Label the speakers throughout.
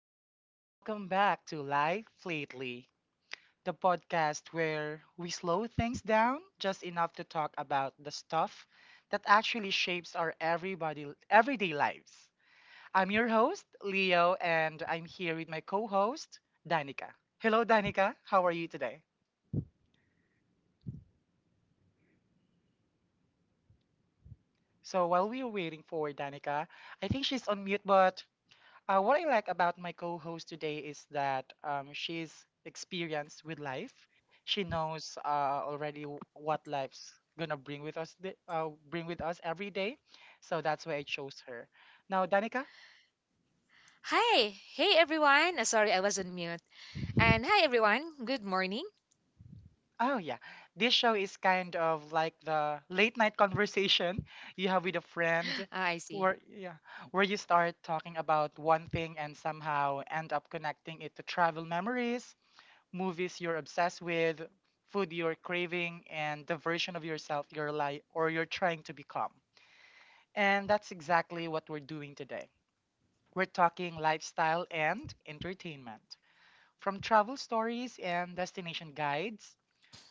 Speaker 1: everyone, and welcome back to Life Lately, the podcast where we slow things down just enough to talk about the stuff that actually shapes our everybody everyday lives. I'm your host, Leo, and I'm here with my co-host, Danica. Hello, Danica. How are you today? So while we are waiting for Danica, I think she's on mute, but what I like about my co-host today is that she's experienced with life. She knows already what life's gonna bring with us, bring with us every day. So that's why I chose her. Now, Danica.
Speaker 2: Hi, hey everyone. Sorry, I was on mute. And hi everyone. Good morning.
Speaker 1: Oh yeah, this show is kind of like the late night conversation you have with a friend,
Speaker 2: Ah, I see.
Speaker 1: where yeah, where you start talking about one thing and somehow end up connecting it to travel memories, movies you're obsessed with, food you're craving, and the version of yourself you're like or you're trying to become. And that's exactly what we're doing today. We're talking lifestyle and entertainment. From travel stories and destination guides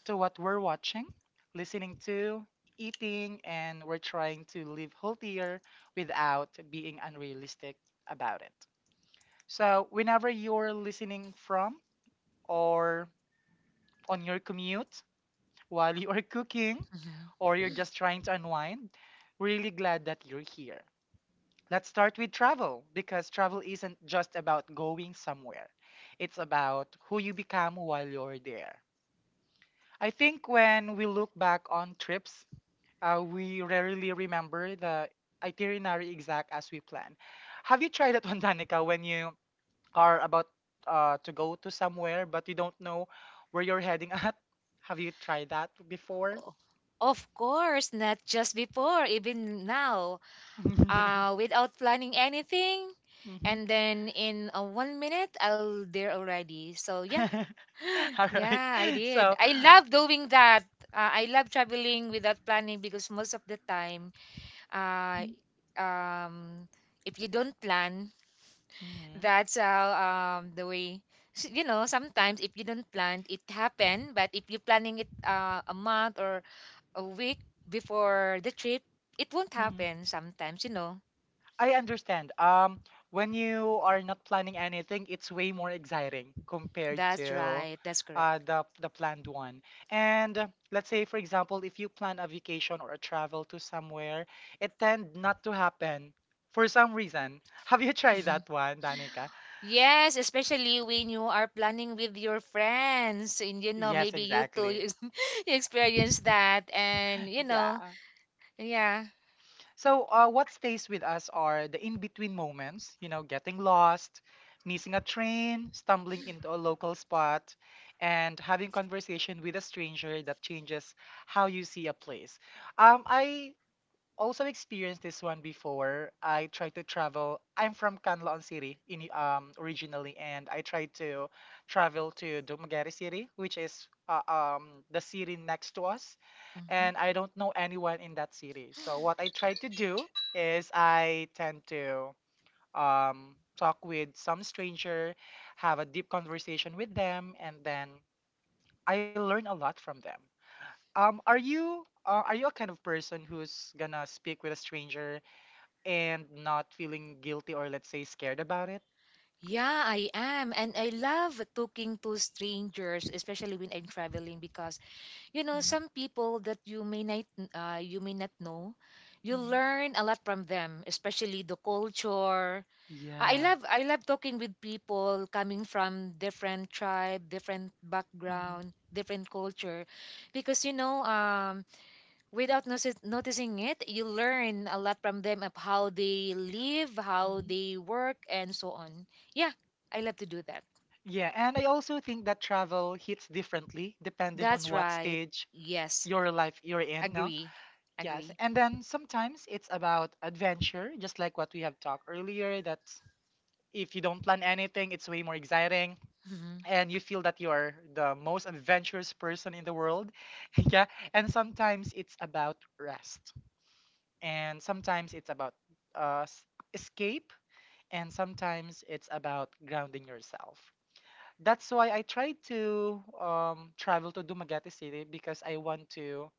Speaker 1: to what we're watching, listening to, eating, and we're trying to live healthier without being unrealistic about it. So, whenever you're listening from or on your commute, while you are cooking
Speaker 2: Mhm.
Speaker 1: or you're just trying to unwind, really glad that you're here. Let's start with travel because travel isn't just about going somewhere, it's about who you become while you're there. I think when we look back on trips, we rarely remember the itinerary exact as we plan. Have you tried that one, Danica, when you are about to go to somewhere but you don't know where you're heading at? Have you tried that before?
Speaker 2: O- Of course, not just before, even now. Without planning anything,
Speaker 1: Mm-hmm.
Speaker 2: and then in 1 minute, I'll there already. So yeah,
Speaker 1: All right.
Speaker 2: yeah, I did.
Speaker 1: So,
Speaker 2: I love doing that. I love traveling without planning because most of the time, uh, um, if you don't plan,
Speaker 1: mm-hmm.
Speaker 2: that's how the way, you know, sometimes if you don't plan it happen, but if you're planning it a month or a week before the trip, it won't
Speaker 1: hmm
Speaker 2: happen sometimes.
Speaker 1: I understand. When you are not planning anything, it's way more exciting compared
Speaker 2: That's
Speaker 1: to
Speaker 2: right, that's correct.
Speaker 1: the planned one. And let's say, for example, if you plan a vacation or a travel to somewhere, it tend not to happen for some reason. Have you tried
Speaker 2: Mhm.
Speaker 1: that one, Danica?
Speaker 2: Yes, especially when you are planning with your friends, and you know,
Speaker 1: Yes,
Speaker 2: maybe you too,
Speaker 1: exactly.
Speaker 2: you you experience that, and you know
Speaker 1: Yeah.
Speaker 2: yeah.
Speaker 1: So, what stays with us are the in between moments, you know, getting lost, missing a train, stumbling into a local spot, and having conversation with a stranger that changes how you see a place. I also experienced this one before. I tried to travel. I'm from Canloan City in, originally, and I tried to travel to Dumaguete City, which is the city next to us,
Speaker 2: Mhm.
Speaker 1: and I don't know anyone in that city. So what I try to do is I tend to talk with some stranger, have a deep conversation with them, and then I learn a lot from them. Are you a kind of person who's gonna speak with a stranger and not feeling guilty or let's say scared about it?
Speaker 2: Yeah, I am. And I love talking to strangers, especially when I'm traveling, because you know, some people that you may not know, you
Speaker 1: Mm-hmm.
Speaker 2: learn a lot from them, especially the culture. I
Speaker 1: Yeah.
Speaker 2: love I love talking with people coming from different tribe, different background,
Speaker 1: hmm
Speaker 2: different culture, because without noticing it, you learn a lot from them, of how they live, how
Speaker 1: hmm
Speaker 2: they work and so on yeah I love to do that.
Speaker 1: Yeah, and I also think that travel hits differently depending on
Speaker 2: That's
Speaker 1: what
Speaker 2: right.
Speaker 1: stage
Speaker 2: Yes.
Speaker 1: your life you're in, no?
Speaker 2: Agree.
Speaker 1: Yes,
Speaker 2: Agree.
Speaker 1: and then sometimes it's about adventure, just like what we have talked earlier, that if you don't plan anything, it's way more exciting and you feel that you are the most adventurous person in the world. Yeah, and sometimes it's about rest, and sometimes it's about uh, s- escape, and sometimes it's about grounding yourself. That's why I try to travel to Dumaguete City because I want to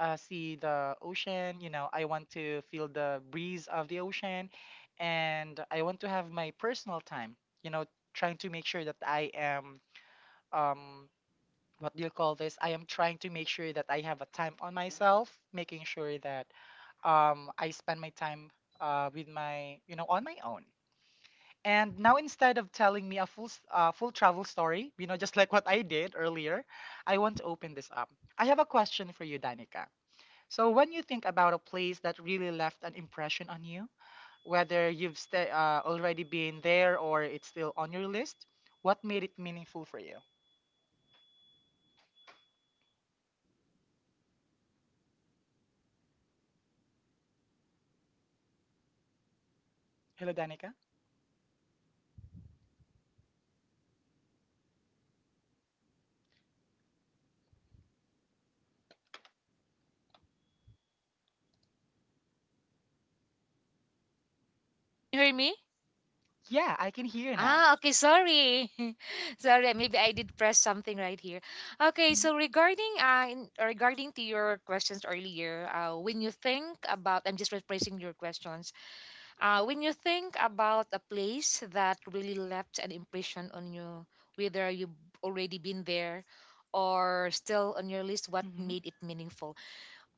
Speaker 1: see the ocean. You know, I want to feel the breeze of the ocean, and I want to have my personal time. You know, trying to make sure that I am um, what do you call this? I am trying to make sure that I have a time on myself, making sure that I spend my time with my, you know, on my own. And now instead of telling me a full travel story, you know, just like what I did earlier, I want to open this up. I have a question for you, Danica. So when you think about a place that really left an impression on you, whether you've sta already been there or it's still on your list, what made it meaningful for you? Hello, Danica.
Speaker 2: You hear me?
Speaker 1: Yeah, I can hear now.
Speaker 2: Ah, okay, sorry. Sorry, maybe I did press something right here. Okay, so regarding regarding to your questions earlier, when you think about, I'm just rephrasing your questions. Uh, when you think about a place that really left an impression on you, whether you've already been there or still on your list, what
Speaker 1: Mm-hmm.
Speaker 2: made it meaningful?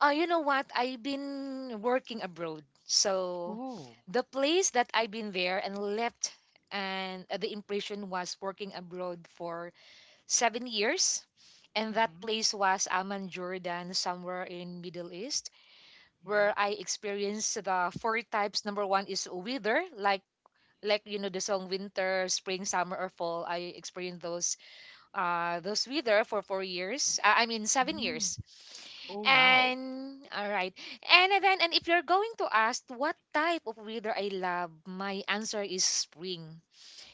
Speaker 2: You know what? I've been working abroad. So
Speaker 1: Oh.
Speaker 2: the place that I've been there and left and the impression was working abroad for 7 years. And that
Speaker 1: Mm-hmm.
Speaker 2: place was Amman, Jordan, somewhere in Middle East, where I experienced the four types. Number one is weather, like you know, the song, winter, spring, summer, or fall. I experienced those were there for 4 years. I mean, seven
Speaker 1: Mm-hmm.
Speaker 2: years.
Speaker 1: Oh wow.
Speaker 2: And all right. And then, and if you're going to ask what type of weather I love, my answer is spring.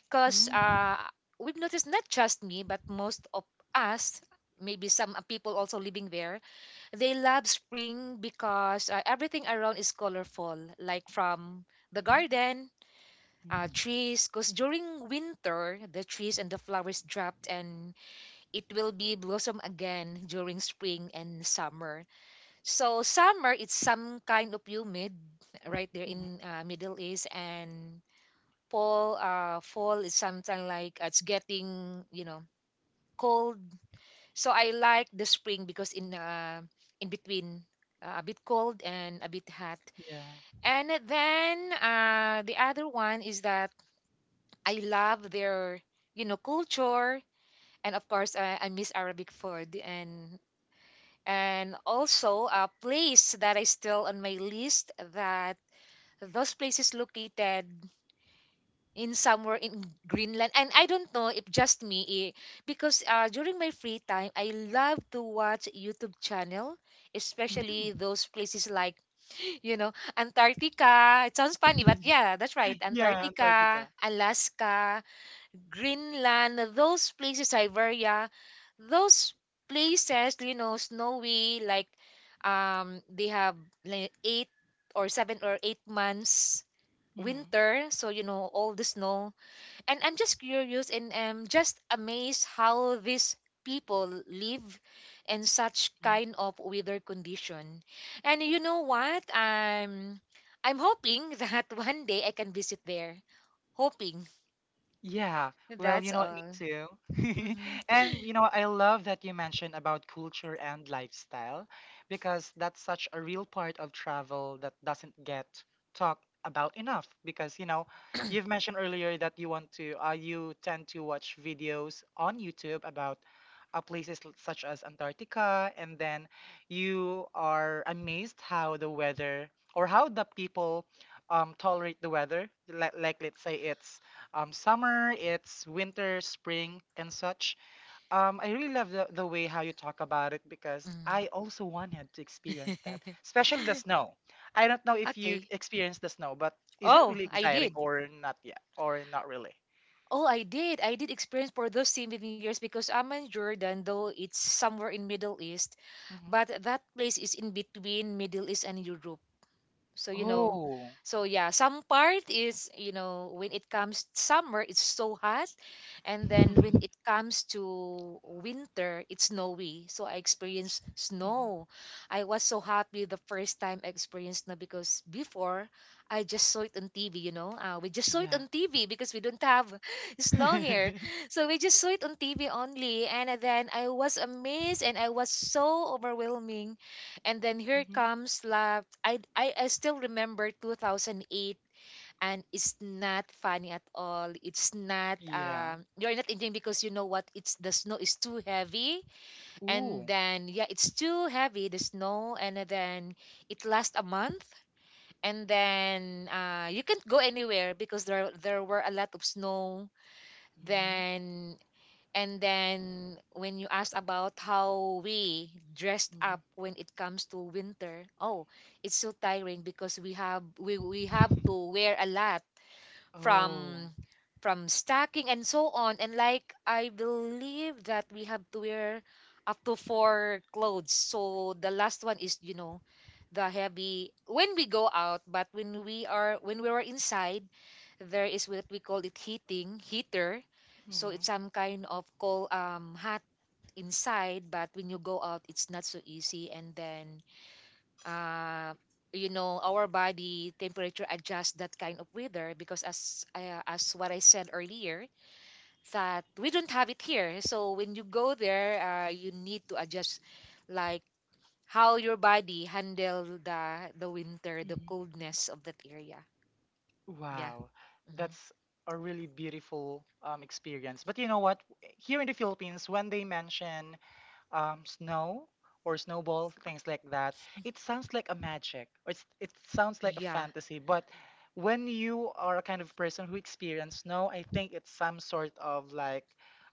Speaker 2: Because
Speaker 1: Mm-hmm.
Speaker 2: we've noticed, not just me, but most of us, maybe some people also living there, they love spring because everything around is colorful, like from the garden.
Speaker 1: Mm-hmm.
Speaker 2: Trees, because during winter the trees and the flowers dropped, and it will be blossom again during spring and summer. So summer, it's some kind of humid right there
Speaker 1: Mm-hmm.
Speaker 2: in Middle East, and fall is something like it's getting, you know, cold. So I like the spring because in between a bit cold and a bit hot.
Speaker 1: Yeah.
Speaker 2: And then the other one is that I love their, you know, culture, and of course I miss Arabic food. And also a place that is still on my list, that those places located in somewhere in Greenland. And I don't know if just me, eh, because during my free time I love to watch YouTube channel, especially
Speaker 1: Mm-hmm.
Speaker 2: those places like, you know, Antarctica, it sounds funny, but yeah, that's right,
Speaker 1: Yeah,
Speaker 2: Antarctica,
Speaker 1: Antarctica.
Speaker 2: Alaska, Greenland, those places, Siberia, those places, you know, snowy, like they have like eight or seven or eight months
Speaker 1: Mm-hmm.
Speaker 2: winter. So, you know, all the snow. And I'm just curious, and I'm just amazed how these people live in such kind of weather condition. And you know what? I'm hoping that one day I can visit there. Hoping.
Speaker 1: Yeah, well, you
Speaker 2: That's
Speaker 1: know what, me
Speaker 2: all.
Speaker 1: too.
Speaker 2: Mm-hmm.
Speaker 1: And you know, I love that you mentioned about culture and lifestyle because that's such a real part of travel that doesn't get talked about enough. Because you know, you've mentioned earlier that you want to, you tend to watch videos on YouTube about places such as Antarctica, and then you are amazed how the weather or how the people tolerate the weather. Like let's say it's summer, it's winter, spring, and such. I really love the way how you talk about it because
Speaker 2: Mm.
Speaker 1: I also wanted to experience that, especially the snow. I don't know if you
Speaker 2: Okay.
Speaker 1: experience the snow, but is it
Speaker 2: Oh,
Speaker 1: really
Speaker 2: I
Speaker 1: exciting
Speaker 2: did.
Speaker 1: or not yet, or not really?
Speaker 2: Oh, I did. I did experience for those 7 years, because I'm in Jordan, though it's somewhere in Middle East,
Speaker 1: hmm
Speaker 2: but that place is in between Middle East and Europe. So you know,
Speaker 1: Oh,
Speaker 2: so yeah, some part is, you know, when it comes summer, it's so hot, and then when
Speaker 1: Mhm.
Speaker 2: it comes to winter, it's snowy. So I experienced snow. I was so happy the first time I experienced snow, because before I just saw it on TV. You know, we just saw it
Speaker 1: Yeah,
Speaker 2: on TV because we don't have snow here,
Speaker 1: hmm
Speaker 2: so we just saw it on TV only. And then I was amazed, and I was so overwhelming, and then here comes love. I still remember 2008, and it's not funny at all. It's not,
Speaker 1: yeah.
Speaker 2: you're not enjoying, because you know what? It's The snow is too heavy. And
Speaker 1: Ooh.
Speaker 2: then, yeah, it's too heavy, the snow. And then it lasts a month. And then you can't go anywhere because there were a lot of snow.
Speaker 1: hmm
Speaker 2: Then and then when you asked about how we dressed
Speaker 1: hmm
Speaker 2: up when it comes to winter, oh, it's so tiring because we have to wear a lot, from
Speaker 1: Oh.
Speaker 2: stacking and so on. And like I believe that we have to wear up to four clothes. So the last one is, you know, the heavy when we go out, but when we are when we were inside, there is what we call it heating, heater, so it's
Speaker 1: hmm
Speaker 2: some kind of cold, hot inside, but when you go out it's not so easy. And then uh you know, our body temperature adjusts that kind of weather, because as what I said earlier, that we don't have it here, so when you go there, you need to adjust, like, how your body handle the winter, the
Speaker 1: hmm
Speaker 2: coldness of that area. Yeah.
Speaker 1: Wow,
Speaker 2: Hmm.
Speaker 1: that's a really beautiful experience. But you know what? Here in the Philippines, when they mention snow or snowball, things like that, it sounds like a magic, or it's, it sounds like a
Speaker 2: Yeah.
Speaker 1: fantasy. But when you are a kind of person who experience snow, I think it's some sort of like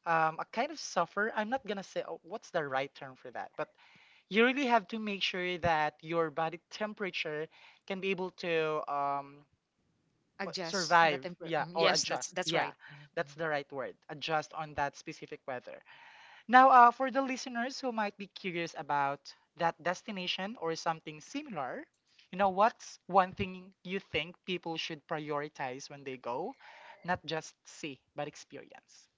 Speaker 1: a kind of suffer. I'm not gonna say oh, what's the right term for that, but you really have to make sure that your body temperature can be able to.
Speaker 2: Adjust the
Speaker 1: Survive,
Speaker 2: temper.
Speaker 1: yeah,
Speaker 2: Mm,
Speaker 1: or
Speaker 2: yes, that's
Speaker 1: adjust, yeah,
Speaker 2: right. Mhm,
Speaker 1: that's
Speaker 2: mhm.
Speaker 1: the right word, adjust on that specific weather. Now, for the listeners who might be curious about that destination or something similar, you know, what's one thing you think people should prioritize when they go, not just see but experience?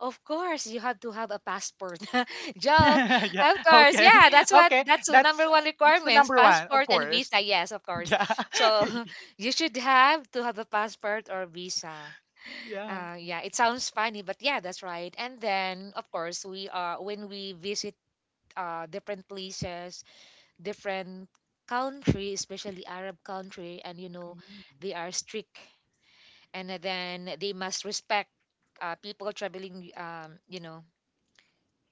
Speaker 2: Of course, you have to have a passport. Joke.
Speaker 1: Yeah,
Speaker 2: Of course.
Speaker 1: okay.
Speaker 2: Yeah, that's what,
Speaker 1: Okay,
Speaker 2: that's the number one
Speaker 1: that's the
Speaker 2: requirements,
Speaker 1: number one, of
Speaker 2: passport and
Speaker 1: course.
Speaker 2: visa. Yes, of course.
Speaker 1: Yeah.
Speaker 2: So you should have to have a passport or visa.
Speaker 1: Yeah.
Speaker 2: Yeah, it sounds funny, but yeah, that's right. And then, of course, we are when we visit different places, different country, especially Arab country, and you know,
Speaker 1: Mm,
Speaker 2: they are strict, and then they must respect people traveling. You know,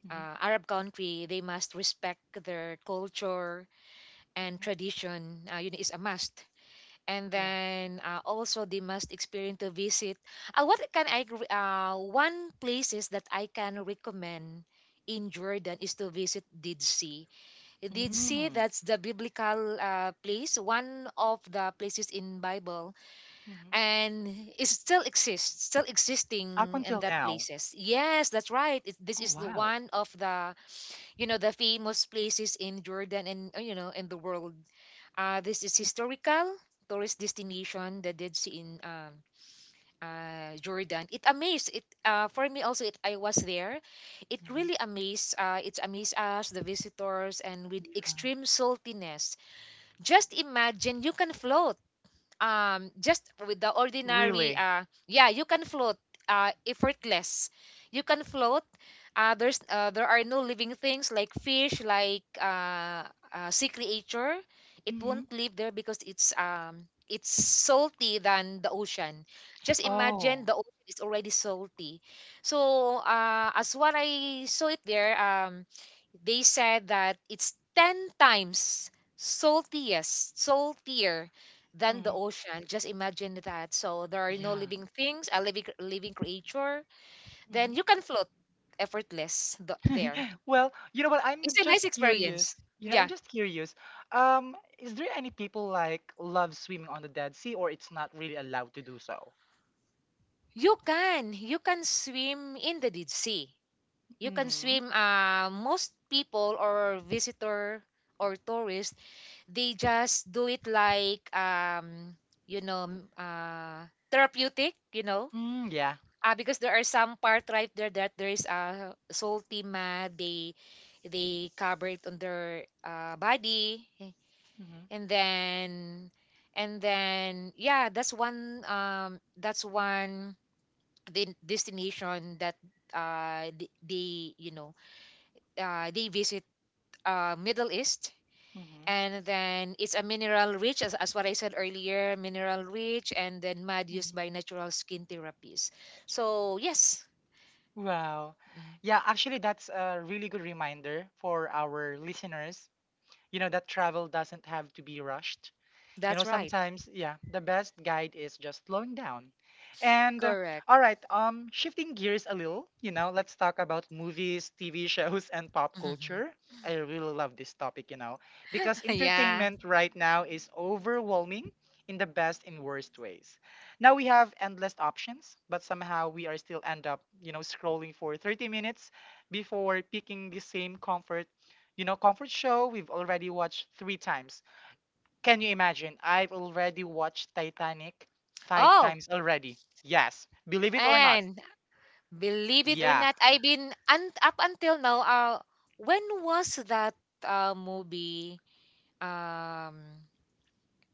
Speaker 1: mhm,
Speaker 2: Arab country, they must respect their culture and
Speaker 1: mhm.
Speaker 2: tradition. You know, is a must. And
Speaker 1: Yeah.
Speaker 2: then also they must experience to visit. What can I? Re- One places that I can recommend in Jordan is to visit Dead Sea. Did see
Speaker 1: Mm-hmm.
Speaker 2: That's the biblical place, one of the places in bible, and it still exists, still
Speaker 1: Up
Speaker 2: existing in
Speaker 1: until
Speaker 2: that
Speaker 1: now.
Speaker 2: places. Yes, that's right, this
Speaker 1: Oh,
Speaker 2: is the
Speaker 1: wow.
Speaker 2: one of the, you know, the famous places in Jordan, and you know, in the world. This is historical tourist destination, that did see in Jordan. It amazed it for me also. It I was there. It
Speaker 1: Mhm.
Speaker 2: really amazed. It amazed us the visitors, and with
Speaker 1: Yeah.
Speaker 2: extreme saltiness, just imagine, you can float, just with the ordinary,
Speaker 1: Really?
Speaker 2: yeah, you can float, effortless, you can float. There are no living things like fish, like sea creature. It
Speaker 1: hmm
Speaker 2: won't live there because it's salty than the ocean. Just imagine,
Speaker 1: Oh.
Speaker 2: the ocean is already salty. So as what I saw it there, they said that it's 10 times saltier than the
Speaker 1: Mhm.
Speaker 2: ocean. Just imagine that. So there are no
Speaker 1: Yeah.
Speaker 2: living things, a living creature. Then
Speaker 1: hmm
Speaker 2: you can float effortless, there.
Speaker 1: Well, you know what? I'm
Speaker 2: It's a nice
Speaker 1: just curious.
Speaker 2: experience.
Speaker 1: Yeah, I'm
Speaker 2: Yeah.
Speaker 1: just curious. Is there any people like love swimming on the Dead Sea or it's not really allowed to do so?
Speaker 2: You can. You can swim in the deep sea. You can
Speaker 1: hmm
Speaker 2: swim. Most people or visitor or tourists, they just do it like you know, therapeutic, you know,
Speaker 1: Mm, yeah.
Speaker 2: because there are some part right there that there is a salty mad, they cover it on their body, eh,
Speaker 1: hmm
Speaker 2: and then yeah, that's one, de- destination that they, you know, they visit Middle East.
Speaker 1: hmm
Speaker 2: And then it's a mineral rich, as what I said earlier, mineral rich, and then mud used
Speaker 1: hmm
Speaker 2: by natural skin therapies. So yes.
Speaker 1: Wow.
Speaker 2: Mm,
Speaker 1: Yeah, actually, that's a really good reminder for our listeners. You know, that travel doesn't have to be rushed. You know,
Speaker 2: that's right,
Speaker 1: sometimes, yeah, the best guide is just slowing down. And
Speaker 2: correct.
Speaker 1: all right, shifting gears a little, you know, let's talk about movies, TV shows, and pop
Speaker 2: Mhm.
Speaker 1: culture. I really love this topic, you know, because
Speaker 2: Yeah.
Speaker 1: entertainment right now is overwhelming in the best and worst ways. Now we have endless options, but somehow we are still end up, you know, scrolling for 30 minutes before picking the same comfort, you know, comfort show we've already watched three times. Can you imagine? I've already watched Titanic five
Speaker 2: Oh,
Speaker 1: times already. Yes. Believe it or not.
Speaker 2: and believe it or
Speaker 1: Yeah.
Speaker 2: not, up until now, when was that movie, um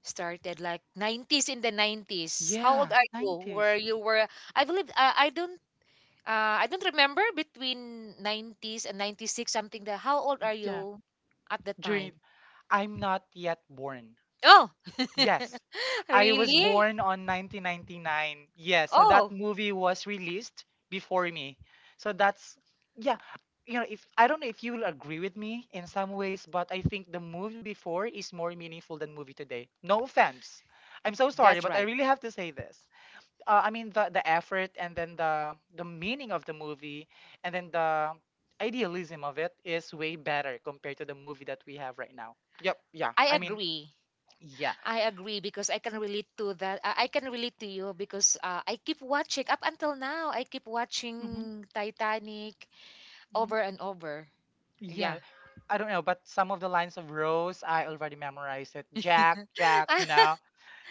Speaker 2: started like 90s, in the 90s, how old are
Speaker 1: Yes.
Speaker 2: you, where
Speaker 1: nineties.
Speaker 2: you were, I believe, I don't remember, between 90s and 96, something that, how old are
Speaker 1: Yeah.
Speaker 2: you at the time?
Speaker 1: During, I'm not yet born.
Speaker 2: Oh.
Speaker 1: Yes. I was
Speaker 2: Really?
Speaker 1: born on 1999. Yeah. So that
Speaker 2: Oh,
Speaker 1: movie was released before me. So that's, yeah. You know, if I don't know if you will agree with me in some ways, but I think the movie before is more meaningful than movie today. No offense. I'm so sorry,
Speaker 2: that's
Speaker 1: but I
Speaker 2: right.
Speaker 1: really have to say this. I mean the effort and then the meaning of the movie and then the idealism of it is way better compared to the movie that we have right now. Yep. Yeah.
Speaker 2: I
Speaker 1: I mean,
Speaker 2: agree.
Speaker 1: yeah.
Speaker 2: I agree, because I can relate to that. I can relate to you, because I keep watching up until now. I keep
Speaker 1: hmm
Speaker 2: watching Titanic
Speaker 1: hmm
Speaker 2: over and over. Yeah.
Speaker 1: Yeah. I don't know, but some of the lines of Rose, I already memorized it. Jack, Jack, you know.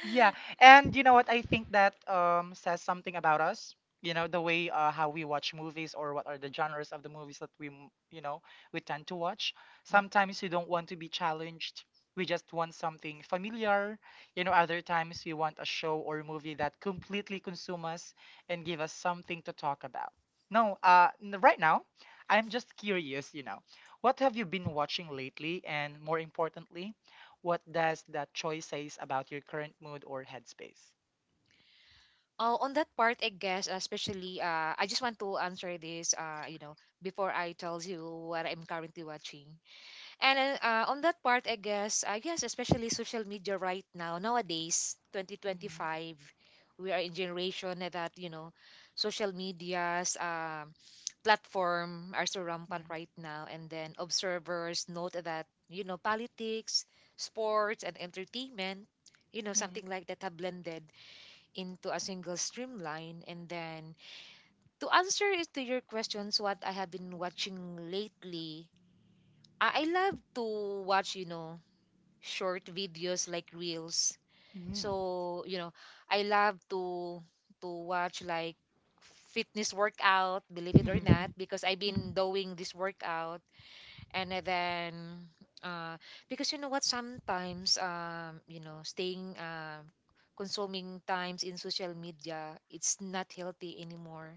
Speaker 1: Yeah, and you know what? I think that says something about us. You know, the way how we watch movies or what are the genres of the movies that you know, we tend to watch.
Speaker 2: Mhm.
Speaker 1: Sometimes we don't want to be challenged. We just want something familiar. You know, other times we want a show or a movie that completely consume us and give us something to talk about. No, n- Right now, I'm just curious, you know, what have you been watching lately? And more importantly, what does that choice says about your current mood or headspace?
Speaker 2: Oh, on that part, I guess, especially, I just want to answer this, you know, before I tell you what I'm currently watching. And on that part, I guess, especially social media right now, nowadays,
Speaker 1: Mhm,
Speaker 2: 2025, we are in generation that, social media's platform are so rampant
Speaker 1: mhm,
Speaker 2: right now. And then observers note that, you know, politics, sports, and entertainment,
Speaker 1: mhm,
Speaker 2: something like that have blended into a single streamline. And then to answer it to your questions, what I have been watching lately, I love to watch, short videos like reels.
Speaker 1: mhm.
Speaker 2: So, I love to watch like fitness workout, believe it
Speaker 1: Mhm,
Speaker 2: or not,
Speaker 1: mhm,
Speaker 2: because I've been doing this workout and then uh, because you know what sometimes staying consuming times in social media, it's not healthy anymore.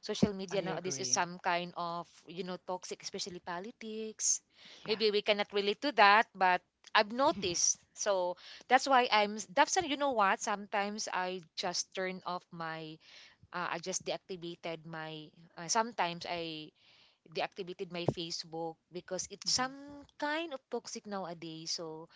Speaker 2: Social
Speaker 1: I
Speaker 2: media nowadays is
Speaker 1: agree.
Speaker 2: some kind of, toxic, especially politics.
Speaker 1: Yeah.
Speaker 2: Maybe we cannot relate to that, but I've
Speaker 1: Mhm,
Speaker 2: noticed. So that's why I'm that's you know what sometimes I just turn off my I just deactivated my Sometimes I deactivated my Facebook because it's
Speaker 1: mhm,
Speaker 2: some kind of toxic nowadays. So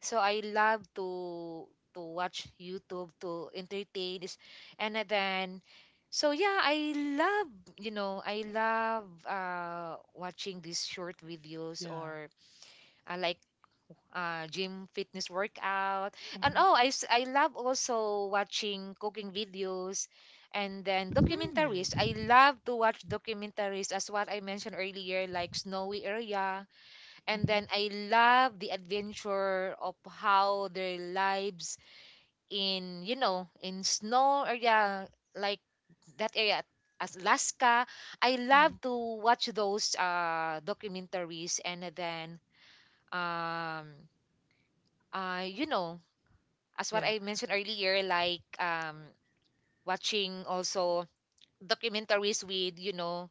Speaker 2: I love to watch YouTube to entertain is. And then, so yeah, I love, I love watching these short videos,
Speaker 1: yeah.
Speaker 2: or like gym fitness workout. And
Speaker 1: Mhm,
Speaker 2: oh, I love also watching cooking videos and then
Speaker 1: Hmm.
Speaker 2: documentaries. I love to watch documentaries as what I mentioned earlier, like Snowy Area. And
Speaker 1: Mhm,
Speaker 2: then I love the adventure of how their lives in, in snow area, like that area as Alaska. I love
Speaker 1: mhm,
Speaker 2: to watch those documentaries, and then um uh you know as what
Speaker 1: yeah.
Speaker 2: I mentioned earlier, like watching also documentaries with,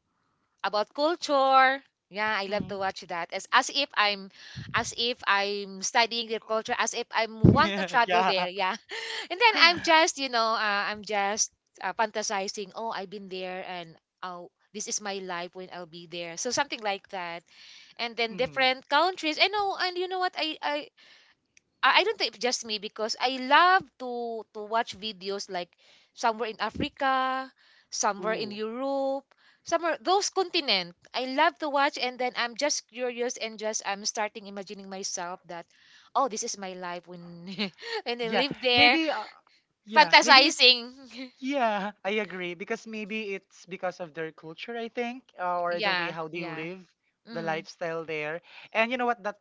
Speaker 2: about culture. Yeah, I love
Speaker 1: Mhm.
Speaker 2: to watch that. As if I'm studying their culture, as if I'm want to travel there.
Speaker 1: Yeah.
Speaker 2: Yeah, and then I'm just, I'm just fantasizing. Oh, I've been there, and oh, this is my life when I'll be there. So something like that. And then
Speaker 1: hmm
Speaker 2: different countries. I know, and you know what? I don't think it's just me because I love to watch videos like somewhere in Africa, somewhere in
Speaker 1: Ooh.
Speaker 2: Europe, somewhere those continent. I love to watch, and then I'm just curious and just I'm starting imagining myself that oh, this is my life when when I
Speaker 1: Yeah.
Speaker 2: live there,
Speaker 1: Maybe. Yeah. Maybe
Speaker 2: fantasizing.
Speaker 1: yeah, I agree because maybe it's because of their culture, I think, or the way
Speaker 2: Yeah,
Speaker 1: how they
Speaker 2: yeah.
Speaker 1: live, the
Speaker 2: Mhm.
Speaker 1: lifestyle there. And you know what? That's,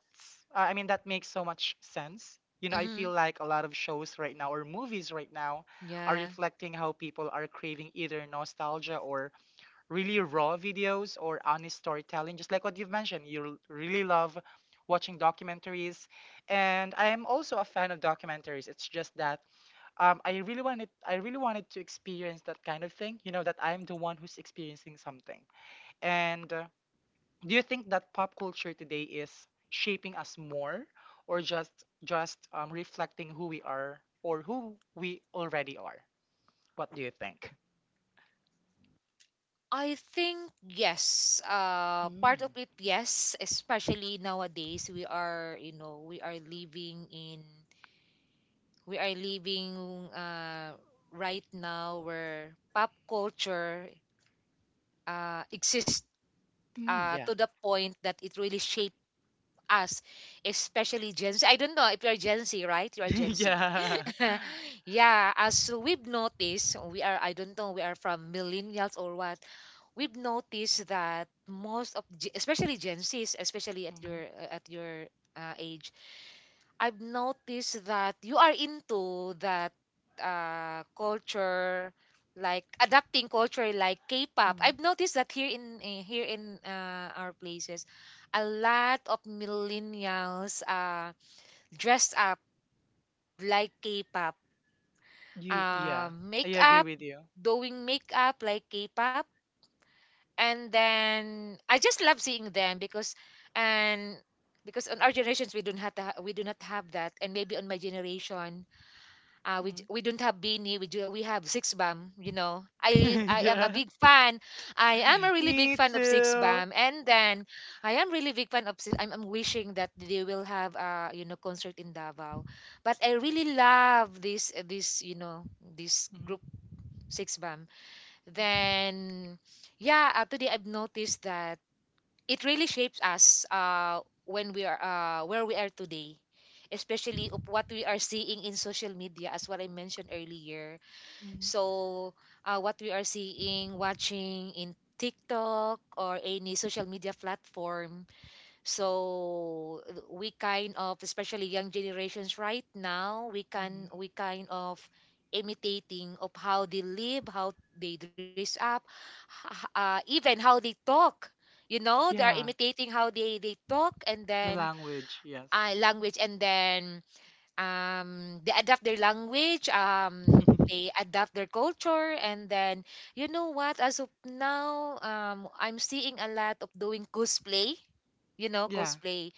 Speaker 1: I mean, that makes so much sense. You know, I
Speaker 2: Mhm.
Speaker 1: feel like a lot of shows right now or movies right now are
Speaker 2: Yeah.
Speaker 1: reflecting how people are craving either nostalgia or really raw videos or honest storytelling, just like what you've mentioned. Really love watching documentaries. And I am also a fan of documentaries. It's just that I really wanted to experience that kind of thing. You know that I'm the one who's experiencing something. And do you think that pop culture today is shaping us more, or just reflecting who we are or who we already are? What do you think?
Speaker 2: I think yes. Part of
Speaker 1: Mm.
Speaker 2: it, yes. Especially nowadays, we are we are living in, we are living uh, right now where pop culture exists
Speaker 1: Mm, yeah.
Speaker 2: to the point that it really shaped us, especially Gen Z. I don't know if you're Gen Z, right? You are Gen Z.
Speaker 1: yeah.
Speaker 2: Yeah. As we've noticed, we are, I don't know, we are from millennials or what. We've noticed that especially Gen Zs, especially
Speaker 1: hmm
Speaker 2: at your age, I've noticed that you are into that culture, like adapting culture like K-pop.
Speaker 1: hmm
Speaker 2: I've noticed that here in our places, a lot of millennials dress up like K-pop,
Speaker 1: You yeah. I agree
Speaker 2: makeup,
Speaker 1: with you.
Speaker 2: doing makeup like K-pop. And then I just love seeing them because, and because on our generations we don't we do not have that, and maybe on my generation
Speaker 1: Mhm.
Speaker 2: we don't have beanie, we have six bam. You know, I I am a
Speaker 1: yeah.
Speaker 2: big fan, I am a really big
Speaker 1: Me
Speaker 2: fan of six
Speaker 1: too.
Speaker 2: bam. And then I am really big fan of I'm wishing that they will have concert in Davao, but I really love this this
Speaker 1: Mhm,
Speaker 2: group six. Then yeah, today I've noticed that it really shapes us, when we are where we are today, especially of what we are seeing in social media, as what I mentioned earlier.
Speaker 1: mhm,
Speaker 2: So what we are seeing watching in TikTok or any social media platform. So we kind of, especially young generations right now,
Speaker 1: mhm.
Speaker 2: we kind of imitating of how they live, how they dress up, even how they talk. You know, they are
Speaker 1: Yeah.
Speaker 2: imitating how they talk. And
Speaker 1: The
Speaker 2: then
Speaker 1: language, yes.
Speaker 2: language. And then they adapt their language, they adapt their culture. And then, you know what, as of now, I'm seeing a lot of doing cosplay. You know,
Speaker 1: Yeah.
Speaker 2: cosplay,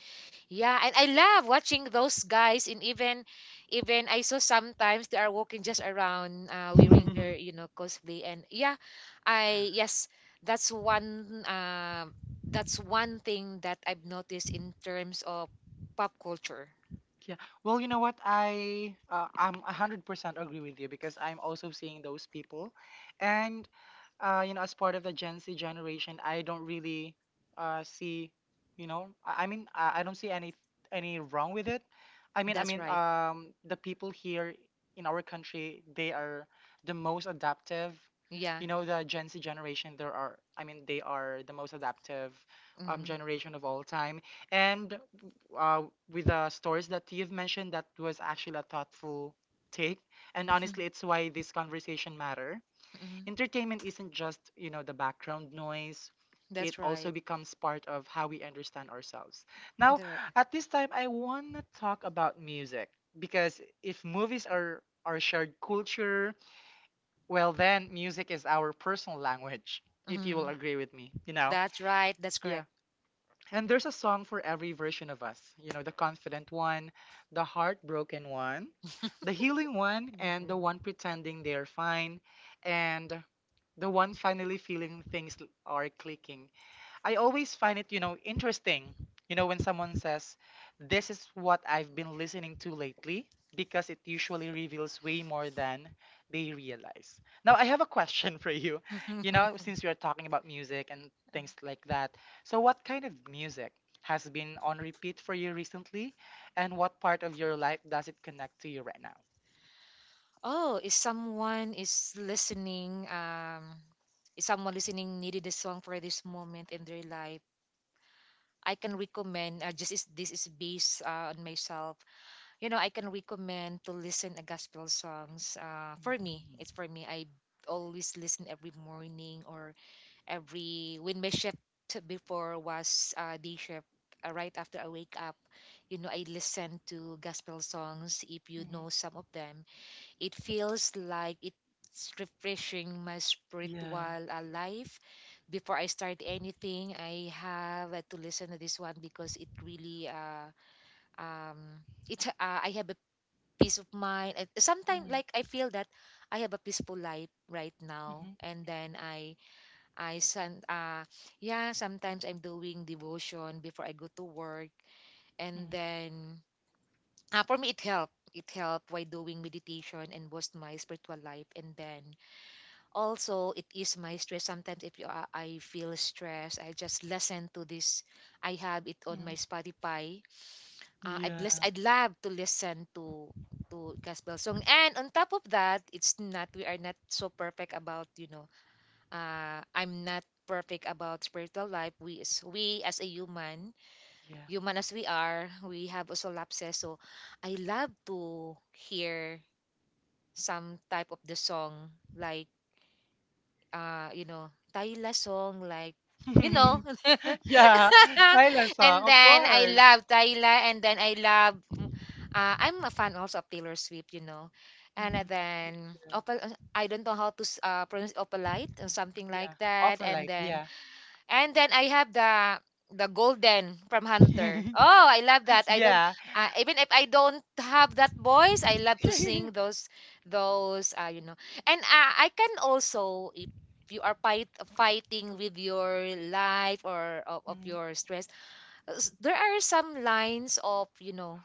Speaker 2: yeah. And I love watching those guys. And even I saw sometimes they are walking just around wearing their, you know, cosplay. And yeah, I yes, that's one. That's one thing that I've noticed in terms of pop culture.
Speaker 1: Yeah. Well, you know what? I'm 100% agree with you because I'm also seeing those people. And you know, as part of the Gen Z generation, I don't really see, you know, I don't see any wrong with it.
Speaker 2: That's right.
Speaker 1: The people here in our country, they are the most adaptive.
Speaker 2: Yeah.
Speaker 1: You know, the Gen Z generation, there are, I mean, they are the most adaptive
Speaker 2: Mm.
Speaker 1: generation of all time. And uh, with the stories that you've mentioned, that was actually a thoughtful take. And honestly, it's why this conversation matter.
Speaker 2: Mm.
Speaker 1: Entertainment isn't just, you know, the background noise. It
Speaker 2: That's
Speaker 1: also
Speaker 2: right.
Speaker 1: becomes part of how we understand ourselves. Now,
Speaker 2: That's right.
Speaker 1: at this time, I want to talk about music because if movies are our shared culture, well, then music is our personal language. If you will
Speaker 2: Mm.
Speaker 1: agree with me, you know.
Speaker 2: That's right. That's
Speaker 1: Yeah.
Speaker 2: correct.
Speaker 1: And there's a song for every version of us. You know, the confident one, the heartbroken one, the healing one, and the
Speaker 2: Mhm.
Speaker 1: one pretending they're fine, and the one finally feeling things are clicking. I always find it, you know, interesting, you know, when someone says, "This is what I've been listening to lately," because it usually reveals way more than they realize. Now, I have a question for you, you know, since we are talking about music and things like that. So, what kind of music has been on repeat for you recently, and what part of your life does it connect to you right now?
Speaker 2: Oh, is someone is listening? Is someone listening needed a song for this moment in their life? I can recommend. This is based on myself. You know, I can recommend to listen a gospel songs. For me,
Speaker 1: Mm.
Speaker 2: it's for me, I always listen every morning, or every when my shift before was, day shift, right after I wake up. You know, I listen to gospel songs, if you
Speaker 1: hmm
Speaker 2: know some of them. It feels like it's refreshing my
Speaker 1: Yeah.
Speaker 2: spiritual life. Before I start anything, I have to listen to this one because it really, um it I have a peace of mind. Sometimes
Speaker 1: hmm
Speaker 2: like I feel that I have a peaceful life right now.
Speaker 1: hmm
Speaker 2: And then I some yeah, sometimes I'm doing devotion before I go to work. And then for me it helped. It helped by doing meditation and boost my spiritual life. And then also it is my stress. Sometimes if you, I feel stressed, I just listen to this. I have it on my
Speaker 1: hmm
Speaker 2: Spotify.
Speaker 1: Yeah.
Speaker 2: I'd love to listen to gospel song. And on top of that, it's not, we are not so perfect about, you know, I'm not perfect about spiritual life. We as a human, human as we are, we have also lapses. So I love to hear some type of the song like you know, Tayla song like,
Speaker 1: Yeah.
Speaker 2: you know.
Speaker 1: Yeah, Thailand song,
Speaker 2: And
Speaker 1: of
Speaker 2: then I
Speaker 1: course.
Speaker 2: love Tayla. And then I love, I'm a fan also of Taylor Swift, you know. And
Speaker 1: Hmm Me
Speaker 2: then
Speaker 1: too.
Speaker 2: opal, I don't know how to pronounce opalite or something like
Speaker 1: Yeah,
Speaker 2: that. And
Speaker 1: Opalite,
Speaker 2: then,
Speaker 1: yeah.
Speaker 2: and then I have the golden from Hunter. Oh, I love that. I don't
Speaker 1: Yeah.
Speaker 2: Even if I don't have that voice, I love to sing those you know. And I can also, if you are fighting with your life, of
Speaker 1: Mhm,
Speaker 2: your stress, there are some lines of, you know,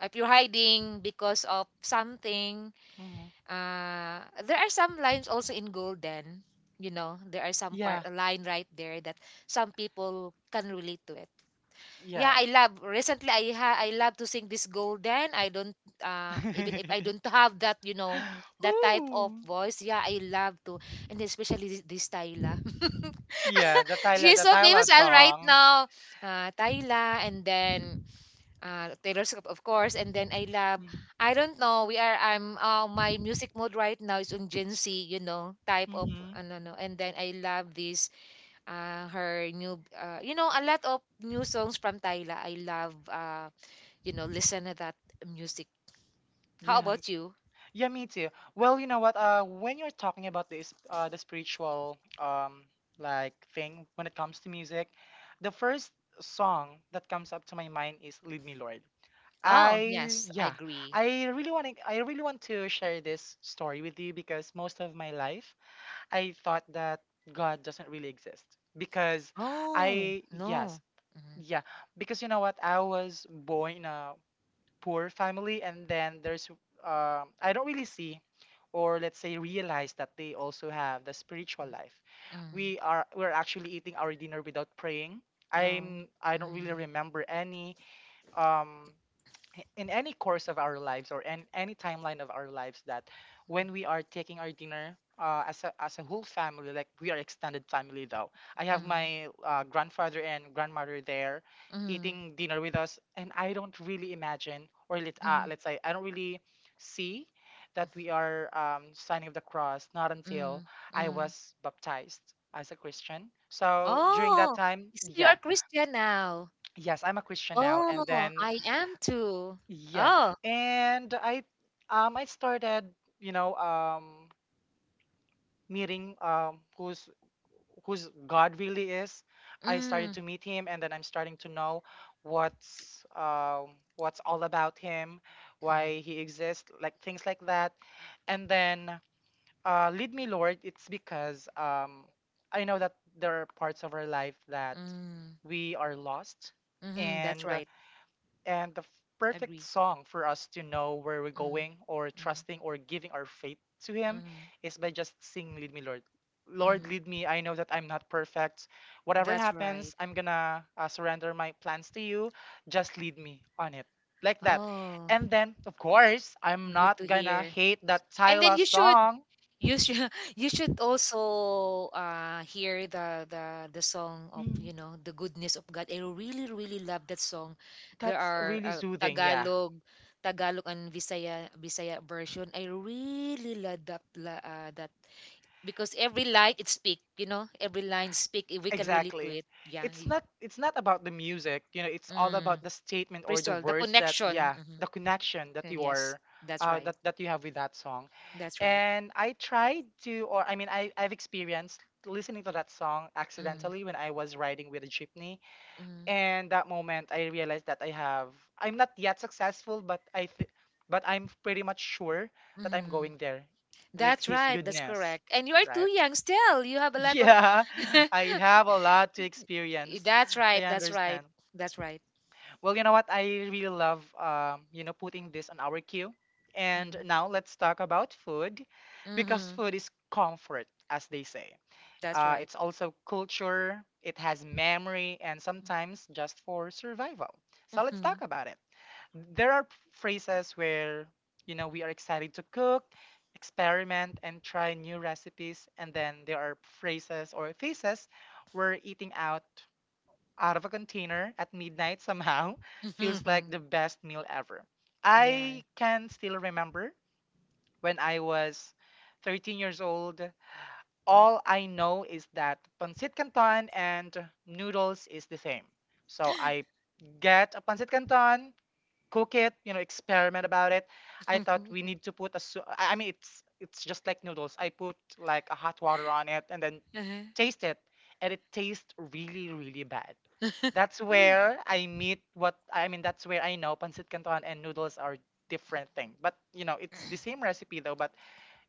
Speaker 2: if you're hiding because of something,
Speaker 1: mhm.
Speaker 2: there are some lines also in golden. You know, there are some part
Speaker 1: Yeah,
Speaker 2: a line right there that some people can relate to it. Yeah,
Speaker 1: yeah.
Speaker 2: I love, recently, I love to sing this golden. I don't Even if I don't have that, you know, that type of
Speaker 1: Ooh.
Speaker 2: voice. Yeah, I love to. And especially this, tyla.
Speaker 1: Yeah,
Speaker 2: She is
Speaker 1: The
Speaker 2: so
Speaker 1: Tyla
Speaker 2: famous as right
Speaker 1: song.
Speaker 2: now, tyla. And then Taylor Swift, of course. And then I love,
Speaker 1: Mm-hmm.
Speaker 2: I don't know, my music mode right now is on Gen Z, you know, type of, ano, no. And then I love this, her new, you know, a lot of new songs from Tyla. I love, you know, listen to that music. How
Speaker 1: Yeah, m-
Speaker 2: about you?
Speaker 1: yeah, me too. Well, you know what? When you're talking about this, the spiritual, like thing when it comes to music, the first song that comes up to my mind is "Lead Me, Lord."
Speaker 2: Oh,
Speaker 1: I
Speaker 2: yes, I
Speaker 1: yeah,
Speaker 2: agree.
Speaker 1: I really want to share this story with you because most of my life I thought that God doesn't really exist because
Speaker 2: Oh,
Speaker 1: I yes,
Speaker 2: no. Mm,
Speaker 1: yeah, because you know what? I was born in a poor family, and then there's I don't really see, or let's say realize, that they also have the spiritual life.
Speaker 2: mm,
Speaker 1: We're actually eating our dinner without praying.
Speaker 2: no.
Speaker 1: I'm I don't really
Speaker 2: Mm,
Speaker 1: remember any um in any course of our lives or in any timeline of our lives that when we are taking our dinner as, as a whole family, like we are extended family though. I have
Speaker 2: mm,
Speaker 1: my grandfather and grandmother there
Speaker 2: mm,
Speaker 1: eating dinner with us, and I don't really imagine, or let,
Speaker 2: mm,
Speaker 1: let's say I don't really see that we are signing of the cross, not until
Speaker 2: mm,
Speaker 1: I
Speaker 2: mm.
Speaker 1: was baptized as a Christian. So during that
Speaker 2: Oh,
Speaker 1: time,
Speaker 2: so you are
Speaker 1: yeah,
Speaker 2: Christian now.
Speaker 1: yes, I'm a Christian now. And
Speaker 2: Oh,
Speaker 1: then
Speaker 2: I am too.
Speaker 1: yeah,
Speaker 2: Oh,
Speaker 1: and I started, you know, meeting, who's whose God really is. I started
Speaker 2: mm,
Speaker 1: to meet him, and then I'm starting to know what's what's all about him,
Speaker 2: mhm,
Speaker 1: why he exists, like things like that. And then "Lead Me, Lord." It's because I know that there are parts of our life that
Speaker 2: mm,
Speaker 1: we are lost,
Speaker 2: mhm, that's
Speaker 1: and
Speaker 2: right.
Speaker 1: and the f- perfect
Speaker 2: Agree.
Speaker 1: song for us to know where we're
Speaker 2: Mm,
Speaker 1: going, or
Speaker 2: mm,
Speaker 1: trusting, or giving our faith to Him
Speaker 2: mm,
Speaker 1: is by just singing "Lead Me, Lord." Lord,
Speaker 2: mm,
Speaker 1: lead me. I know that I'm not perfect. Whatever
Speaker 2: that's right.
Speaker 1: happens, I'm gonna surrender my plans to you. Just lead me on it. Like that.
Speaker 2: Oh,
Speaker 1: And then, of course, I'm
Speaker 2: good
Speaker 1: not
Speaker 2: to
Speaker 1: gonna
Speaker 2: hear.
Speaker 1: hate that
Speaker 2: And then
Speaker 1: Tyla song.
Speaker 2: you should you should also hear the song of,
Speaker 1: Mhm.
Speaker 2: you know, the goodness of God. I really really love that song. There
Speaker 1: That's
Speaker 2: are
Speaker 1: really soothing, yeah.
Speaker 2: Tagalog and Visaya version. I really love that because every line it speak, you know, every line speak. If we can relate to
Speaker 1: Exactly.
Speaker 2: it. Yeah,
Speaker 1: It's not about the music, you know, it's all
Speaker 2: mm.
Speaker 1: about the statement or the
Speaker 2: bristol the
Speaker 1: words that,
Speaker 2: connection.
Speaker 1: yeah,
Speaker 2: Hmm.
Speaker 1: the connection that
Speaker 2: And
Speaker 1: you
Speaker 2: yes,
Speaker 1: are
Speaker 2: that's right,
Speaker 1: that you have with that song.
Speaker 2: that's right.
Speaker 1: And I tried to, or I mean, I I've experienced listening to that song
Speaker 2: Mm.
Speaker 1: accidentally when I was riding with a jeepney.
Speaker 2: Mm.
Speaker 1: And that moment I realized that I have I'm not yet successful, but but I'm pretty much sure that I'm
Speaker 2: Mm.
Speaker 1: going there with
Speaker 2: That's
Speaker 1: his
Speaker 2: right, that's
Speaker 1: goodness,
Speaker 2: correct, and you are too
Speaker 1: right?
Speaker 2: young, still you have a lot of.
Speaker 1: Yeah, I have a lot to experience.
Speaker 2: That's
Speaker 1: I
Speaker 2: right, that's right,
Speaker 1: understand.
Speaker 2: that's right.
Speaker 1: Well, you know what? I really love, you know, putting this on our queue. And
Speaker 2: Mm.
Speaker 1: now let's talk about food because
Speaker 2: Hmm.
Speaker 1: food is comfort, as they say.
Speaker 2: That's right.
Speaker 1: It's also culture, it has memory, and sometimes just for survival. So let's talk
Speaker 2: Mhm.
Speaker 1: about it. There are phrases where, you know, we are excited to cook, experiment, and try new recipes, and then there are phrases or phases where eating out, out of a container at midnight, somehow feels like
Speaker 2: Mhm.
Speaker 1: the best meal ever.
Speaker 2: Yeah.
Speaker 1: I can still remember when I was 13 years old, all I know is that pancit canton and noodles is the same. So I get a pancit canton, cook it, you know, experiment about it. I thought we need to put a I mean, it's just like noodles. I put like a hot water on it and then
Speaker 2: Uh-huh.
Speaker 1: taste it, and it tastes really really bad. That's where I meet what I mean that's where I know pancit canton and noodles are different thing. But you know, it's the same recipe though, but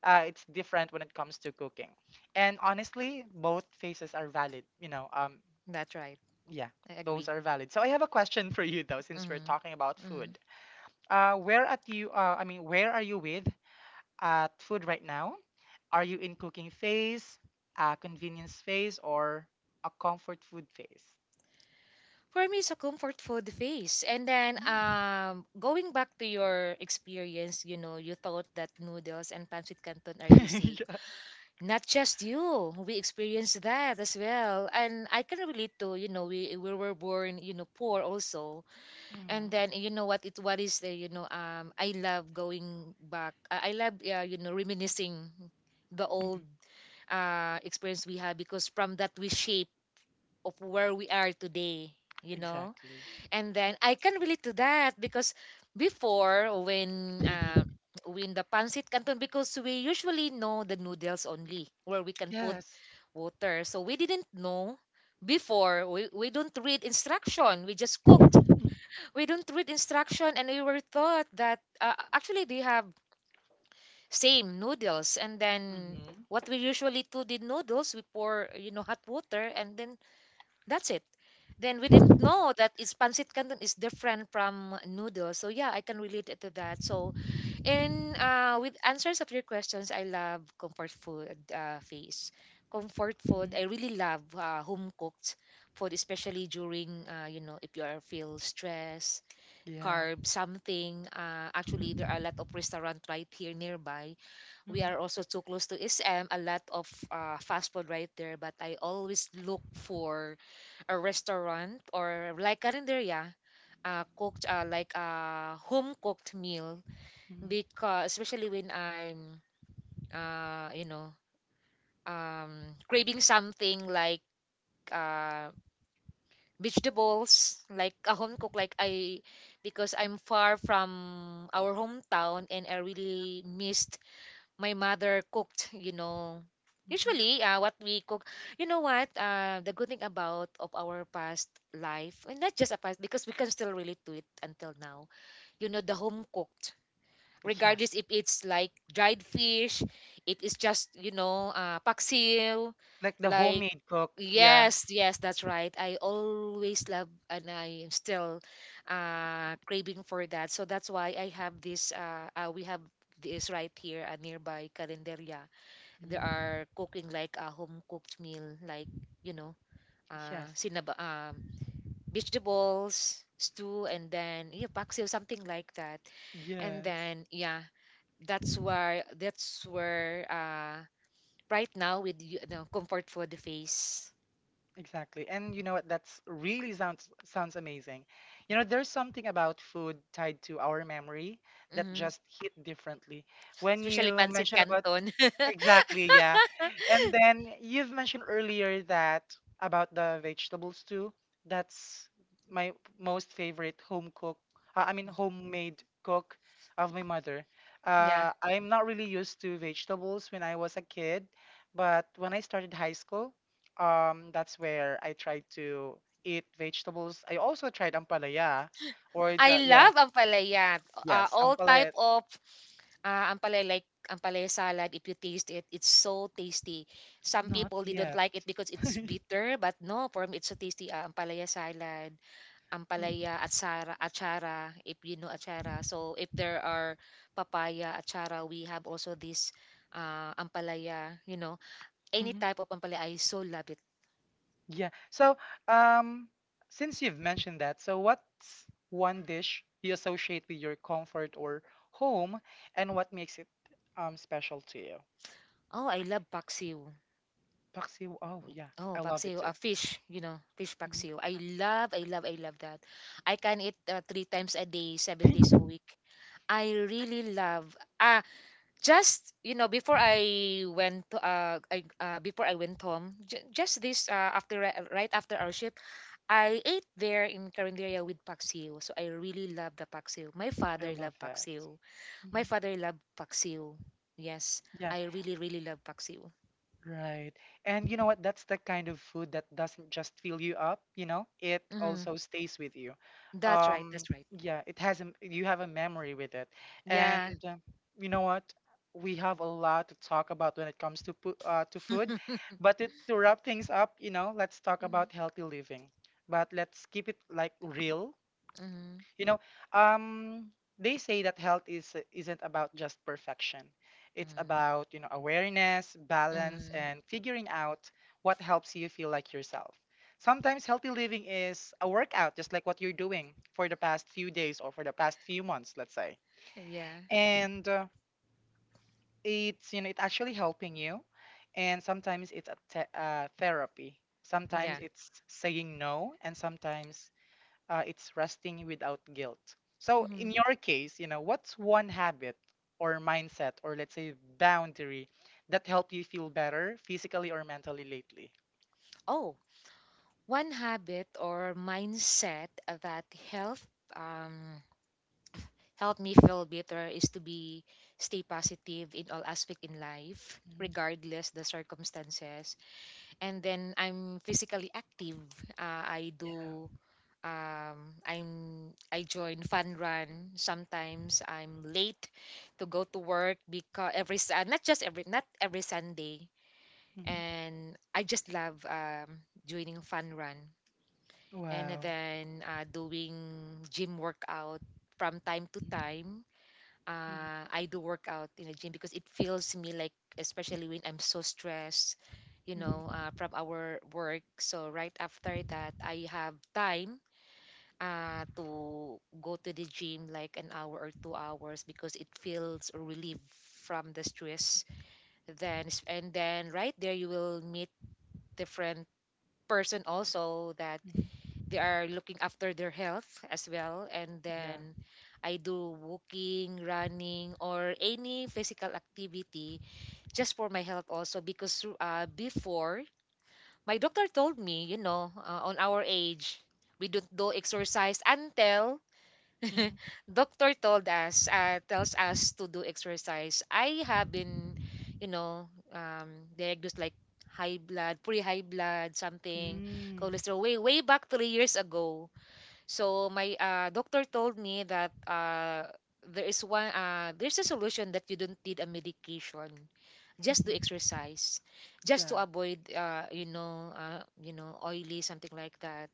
Speaker 1: it's different when it comes to cooking. And honestly, both phases are valid, you know.
Speaker 2: That's right.
Speaker 1: Yeah,
Speaker 2: I
Speaker 1: those
Speaker 2: agree.
Speaker 1: are valid. So I have a question for you though, since we're talking about
Speaker 2: Mm.
Speaker 1: food. Where at you? I mean, where are you with at food right now? Are you in cooking phase, a convenience phase, or a comfort food phase?
Speaker 2: For me, it's a comfort food phase. And then,
Speaker 1: Mm.
Speaker 2: going back to your experience, you know, you thought that noodles and pancit canton are the same.
Speaker 1: yeah.
Speaker 2: Not just you, we experienced that as well. And I can relate to, you know, we were born, you know, poor also. And
Speaker 1: Mhm.
Speaker 2: then, you know what, it what is the, you know, I love going back. I love, you know, reminiscing the old
Speaker 1: Mhm.
Speaker 2: experience we had because from that we shape of where we are today, you know.
Speaker 1: Exactly.
Speaker 2: And then I can relate to that because before when the pancit canton, because we usually know the noodles only where we can put
Speaker 1: yes.
Speaker 2: water, so we didn't know before. We don't read instruction, we just cooked. We don't read instruction, and we were taught that actually they have same noodles. And then
Speaker 1: Mhm.
Speaker 2: what we usually do, the noodles, we pour, you know, hot water and then that's it. Then we didn't know that it's pancit canton is different from noodles. So yeah, I can relate it to that. So in with answers of your questions, I love comfort food phase. Comfort
Speaker 1: Mhm.
Speaker 2: food, I really love home cooked food, especially during, you know, if you are feel stress,
Speaker 1: Yeah.
Speaker 2: carb something. Actually, there are a lot of restaurant right here nearby. We
Speaker 1: Mhm.
Speaker 2: are also too close to SM. A lot of fast food right there, but I always look for a restaurant or like carinderia, cooked like a home cooked meal,
Speaker 1: Mhm.
Speaker 2: because especially when I'm uh, you know craving something like uh, vegetables, like a home
Speaker 1: Mhm.
Speaker 2: cook, like I, because I'm far from our hometown and I really missed my mother cooked, you know.
Speaker 1: Mhm.
Speaker 2: Usually, what we cook, you know what? The good thing about of our past life, and not just a past, because we can still relate to it until now. You know, the home cooked, regardless
Speaker 1: Yes.
Speaker 2: if it's like dried fish, if it's just, you know, paksiw,
Speaker 1: Like the
Speaker 2: like
Speaker 1: homemade cook. Yeah.
Speaker 2: yes, yes, that's right. I always love and I am still craving for that. So that's why I have this we have this right here nearby Calendaria. There
Speaker 1: Mm.
Speaker 2: are cooking like a home cooked meal like, you know,
Speaker 1: Yes.
Speaker 2: sinab vegetables stew and then yeah, paksiw, something like that. And
Speaker 1: Yes.
Speaker 2: then yeah, that's where right now with, you know, comfort food face.
Speaker 1: Exactly. And you know what? That's really sounds sounds amazing. You know, there's something about food tied to our memory that
Speaker 2: Mm-hmm.
Speaker 1: just hit differently. When
Speaker 2: Especially
Speaker 1: you
Speaker 2: pancit
Speaker 1: mentioned about,
Speaker 2: canton.
Speaker 1: exactly, yeah. And then you've mentioned earlier that about the vegetables too. That's my most favorite home cook, I mean homemade cook of my mother.
Speaker 2: yeah,
Speaker 1: I'm not really used to vegetables when I was a kid, but when I started high school, that's where I tried to eat vegetables. I also tried ampalaya, or
Speaker 2: I
Speaker 1: the, yeah,
Speaker 2: love ampalaya. Uh,
Speaker 1: yes,
Speaker 2: all type
Speaker 1: ampalaya.
Speaker 2: of ampalaya, like ampalaya salad, if you taste it it's so tasty. Some
Speaker 1: Not
Speaker 2: people they don't
Speaker 1: yet.
Speaker 2: like it because it's bitter, but no, for me it's so tasty, ampalaya salad.
Speaker 1: Mm,
Speaker 2: Ampalaya, achara, achara, if you know achara. So if there are papaya, achara, we have also this ampalaya, you know. Any
Speaker 1: mhm.
Speaker 2: type of ampalaya, I so love it.
Speaker 1: Yeah. So, um, since you've mentioned that, so what's one dish you associate with your comfort or home, and what makes it special to you?
Speaker 2: Oh, I love paksiw.
Speaker 1: Paksiw. Oh, yeah,
Speaker 2: Oh,
Speaker 1: I love it
Speaker 2: paksiw, a
Speaker 1: too.
Speaker 2: fish, you know, fish
Speaker 1: Hmm
Speaker 2: paksiw. I love, I love, I love that. I can eat three times a day, 7 days a week. I really love, ah, just, you know, before I went to, before I went home, just this, after, right after our ship, I ate there in Carinderia with paksiw. So I really love the paksiw. My
Speaker 1: I
Speaker 2: father
Speaker 1: love
Speaker 2: loved
Speaker 1: that.
Speaker 2: paksiw. My
Speaker 1: Mhm.
Speaker 2: father loved paksiw. Yes,
Speaker 1: Yeah.
Speaker 2: I really, really love paksiw.
Speaker 1: Right. And you know what? That's the kind of food that doesn't just fill you up, you know, it
Speaker 2: Hmm.
Speaker 1: also stays with you.
Speaker 2: That's right.
Speaker 1: Um,
Speaker 2: That's right.
Speaker 1: yeah, it has a, you have a memory with it.
Speaker 2: Yeah.
Speaker 1: And you know what? We have a lot to talk about when it comes to to food. But to wrap things up, you know, let's talk about
Speaker 2: mm-hmm.
Speaker 1: healthy living. But let's keep it like real, you know, um, they say that health is isn't about just perfection. It's about, you know, awareness, balance,
Speaker 2: Mm-hmm.
Speaker 1: and figuring out what helps you feel like yourself. Sometimes healthy living is a workout, just like what you're doing for the past few days or for the past few months, let's say.
Speaker 2: Yeah.
Speaker 1: And it's, you know, it's actually helping you. And sometimes it's a therapy. Sometimes
Speaker 2: Yeah.
Speaker 1: it's saying no, and sometimes it's resting without guilt. So in
Speaker 2: Hmm.
Speaker 1: your case, you know, what's one habit or mindset, or let's say boundary, that helped you feel better physically or mentally lately?
Speaker 2: Oh, one habit or mindset that help um, help me feel better is to be stay positive in all aspect in life,
Speaker 1: Mhm.
Speaker 2: regardless the circumstances. And then I'm physically active. I
Speaker 1: Yeah.
Speaker 2: do I'm I join fun run. Sometimes I'm late to go to work because not just every, not every Sunday.
Speaker 1: Mhm.
Speaker 2: And I just love joining fun run, and
Speaker 1: Wow.
Speaker 2: then doing gym workout from time to time.
Speaker 1: Mhm.
Speaker 2: Uh, I do work out in the gym because it feels me like, especially when I'm so stressed, you know,
Speaker 1: Mhm.
Speaker 2: from our work. So right after that, I have time to go to the gym like an hour or 2 hours, because it feels relief from the stress. And then right there you will meet different person also that
Speaker 1: Mhm.
Speaker 2: they are looking after their health as well. And
Speaker 1: Yeah.
Speaker 2: then I do walking, running, or any physical activity just for my health also, because before my doctor told me, you know, on our age we don't do exercise until
Speaker 1: Mhm.
Speaker 2: doctor told us tells us to do exercise. I have been, you know, um, diagnosed like high blood something,
Speaker 1: Mm.
Speaker 2: cholesterol way way back 3 years ago. So my doctor told me that there is one there's a solution that you don't need a medication, just
Speaker 1: Mhm.
Speaker 2: to exercise, just to
Speaker 1: Yeah.
Speaker 2: avoid you know, oily something like that.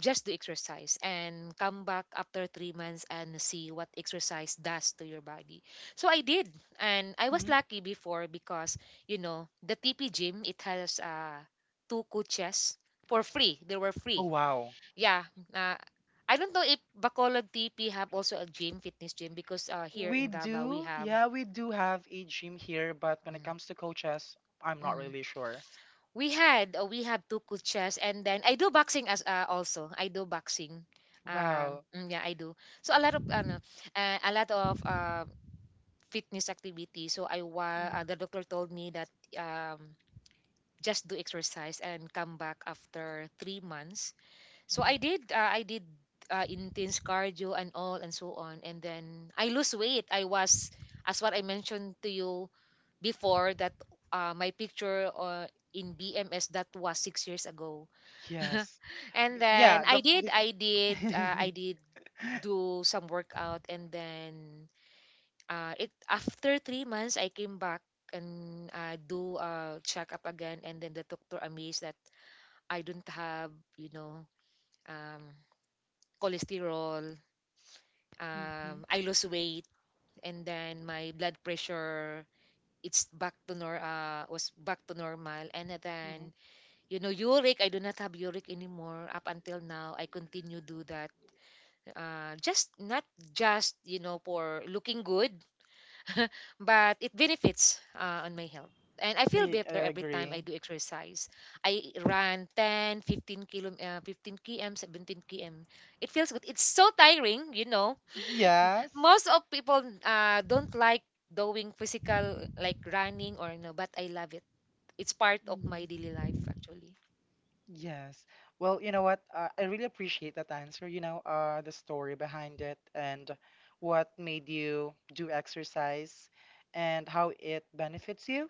Speaker 2: Just do exercise and come back after 3 months and see what exercise does to your body. So I did, and I was
Speaker 1: Mhm.
Speaker 2: lucky before because, you know, the TP gym, it has two coaches for free. They were
Speaker 1: Oh,
Speaker 2: free,
Speaker 1: wow.
Speaker 2: yeah. Uh, I don't know if bacolod tp have also a gym, fitness gym, because here
Speaker 1: We
Speaker 2: in davao we
Speaker 1: do,
Speaker 2: have,
Speaker 1: yeah, we do have a gym here, but when it
Speaker 2: mhm,
Speaker 1: comes to coaches, I'm not
Speaker 2: mhm,
Speaker 1: really sure.
Speaker 2: we had we have two coaches. And then I do boxing as also, I do boxing,
Speaker 1: Wow.
Speaker 2: yeah, I do. So a lot of ano, a lot of fitness activity. So
Speaker 1: Mm.
Speaker 2: the doctor told me that um, just do exercise and come back after 3 months. So
Speaker 1: Mhm.
Speaker 2: I did intense cardio and all and so on, and then I lose weight. I was, as what I mentioned to you before, that my picture in BMS, that was 6 years ago.
Speaker 1: Yes.
Speaker 2: and
Speaker 1: Yeah,
Speaker 2: then
Speaker 1: the
Speaker 2: I did I did I
Speaker 1: Mhm.
Speaker 2: did do some workout. And then it after 3 months I came back and do a checkup again, and then the doctor amazed that I don't have, you know, um, cholesterol,
Speaker 1: Mm-hmm.
Speaker 2: I lost weight. And then my blood pressure, it's back to nor was back to normal. And then,
Speaker 1: Mhm.
Speaker 2: you know, uric, I do not have uric anymore. Up until now I continue do that, just not just, you know, for looking good, but it benefits on my health, and I feel
Speaker 1: I
Speaker 2: better every time I
Speaker 1: agree.
Speaker 2: do exercise. I run 10, 15 kilo 15 km, 17 km. It feels good, it's so tiring, you know.
Speaker 1: Yes.
Speaker 2: Most of people don't like doing physical like running or no, but I love it. It's part of my
Speaker 1: Mm-hmm.
Speaker 2: daily life actually.
Speaker 1: Yes. Well, you know what? I really appreciate that answer, you know, the story behind it and what made you do exercise and how it benefits you,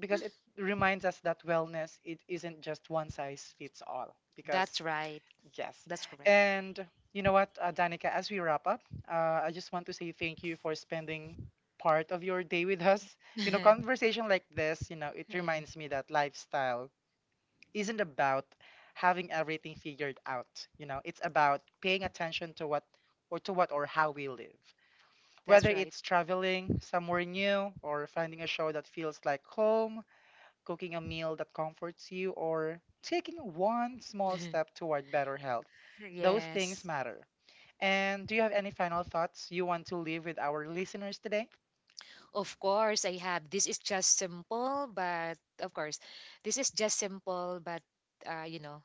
Speaker 1: because it reminds us that wellness it isn't just one size fits all
Speaker 2: That's
Speaker 1: because
Speaker 2: right.
Speaker 1: yes.
Speaker 2: That's correct.
Speaker 1: And you know what, Danica, as we wrap up, I just want to say thank you for spending part of your day with us. You know, conversation like this, you know, it
Speaker 2: Eh,
Speaker 1: reminds me that lifestyle isn't about having everything figured out. You know, it's about paying attention to what or how we live.
Speaker 2: that's
Speaker 1: Whether
Speaker 2: right.
Speaker 1: it's traveling somewhere new, or finding a show that feels like home, cooking a meal that comforts you, or taking one small step toward better health. Those things
Speaker 2: yes,
Speaker 1: matter. And do you have any final thoughts you want to leave with our listeners today?
Speaker 2: of course I have. This is just simple but, you know,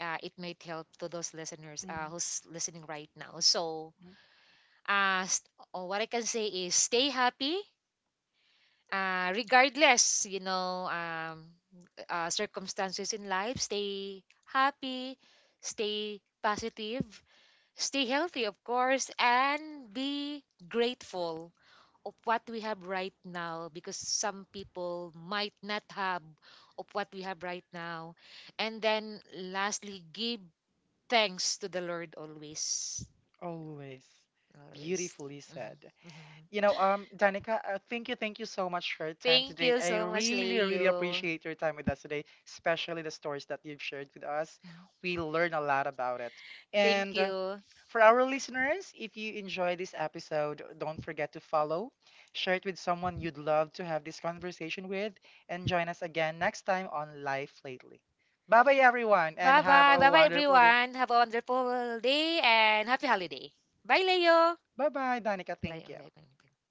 Speaker 2: it might help to those listeners
Speaker 1: Mhm.
Speaker 2: who's listening right now. So, oh, what I can say is stay happy, regardless, you know, circumstances in life. Stay happy, stay positive, stay healthy, of course, and be grateful of what we have right now, because some people might not have of what we have right now. And then lastly, give thanks to the Lord always.
Speaker 1: Always
Speaker 2: Always.
Speaker 1: beautifully
Speaker 2: Mhm,
Speaker 1: said.
Speaker 2: mhm.
Speaker 1: You know, Danica, thank you so much for your time
Speaker 2: Thank
Speaker 1: today.
Speaker 2: you
Speaker 1: I
Speaker 2: so much,
Speaker 1: really, really
Speaker 2: Leo.
Speaker 1: appreciate your time with us today, especially the stories that you've shared with us.
Speaker 2: Mhm.
Speaker 1: We learn a lot about it.
Speaker 2: Thank
Speaker 1: And
Speaker 2: you.
Speaker 1: for our listeners, if you enjoy this episode, don't forget to follow, share it with someone you'd love to have this conversation with, and join us again next time on "Life Lately." Bye bye, everyone, and
Speaker 2: Bye
Speaker 1: have
Speaker 2: bye.
Speaker 1: a
Speaker 2: Bye bye,
Speaker 1: wonderful day.
Speaker 2: everyone. Have a wonderful day and happy holiday. Bye, Leo.
Speaker 1: Bye bye, Danica.
Speaker 2: Bye.
Speaker 1: Thank you.
Speaker 2: Bye. Bye. Bye.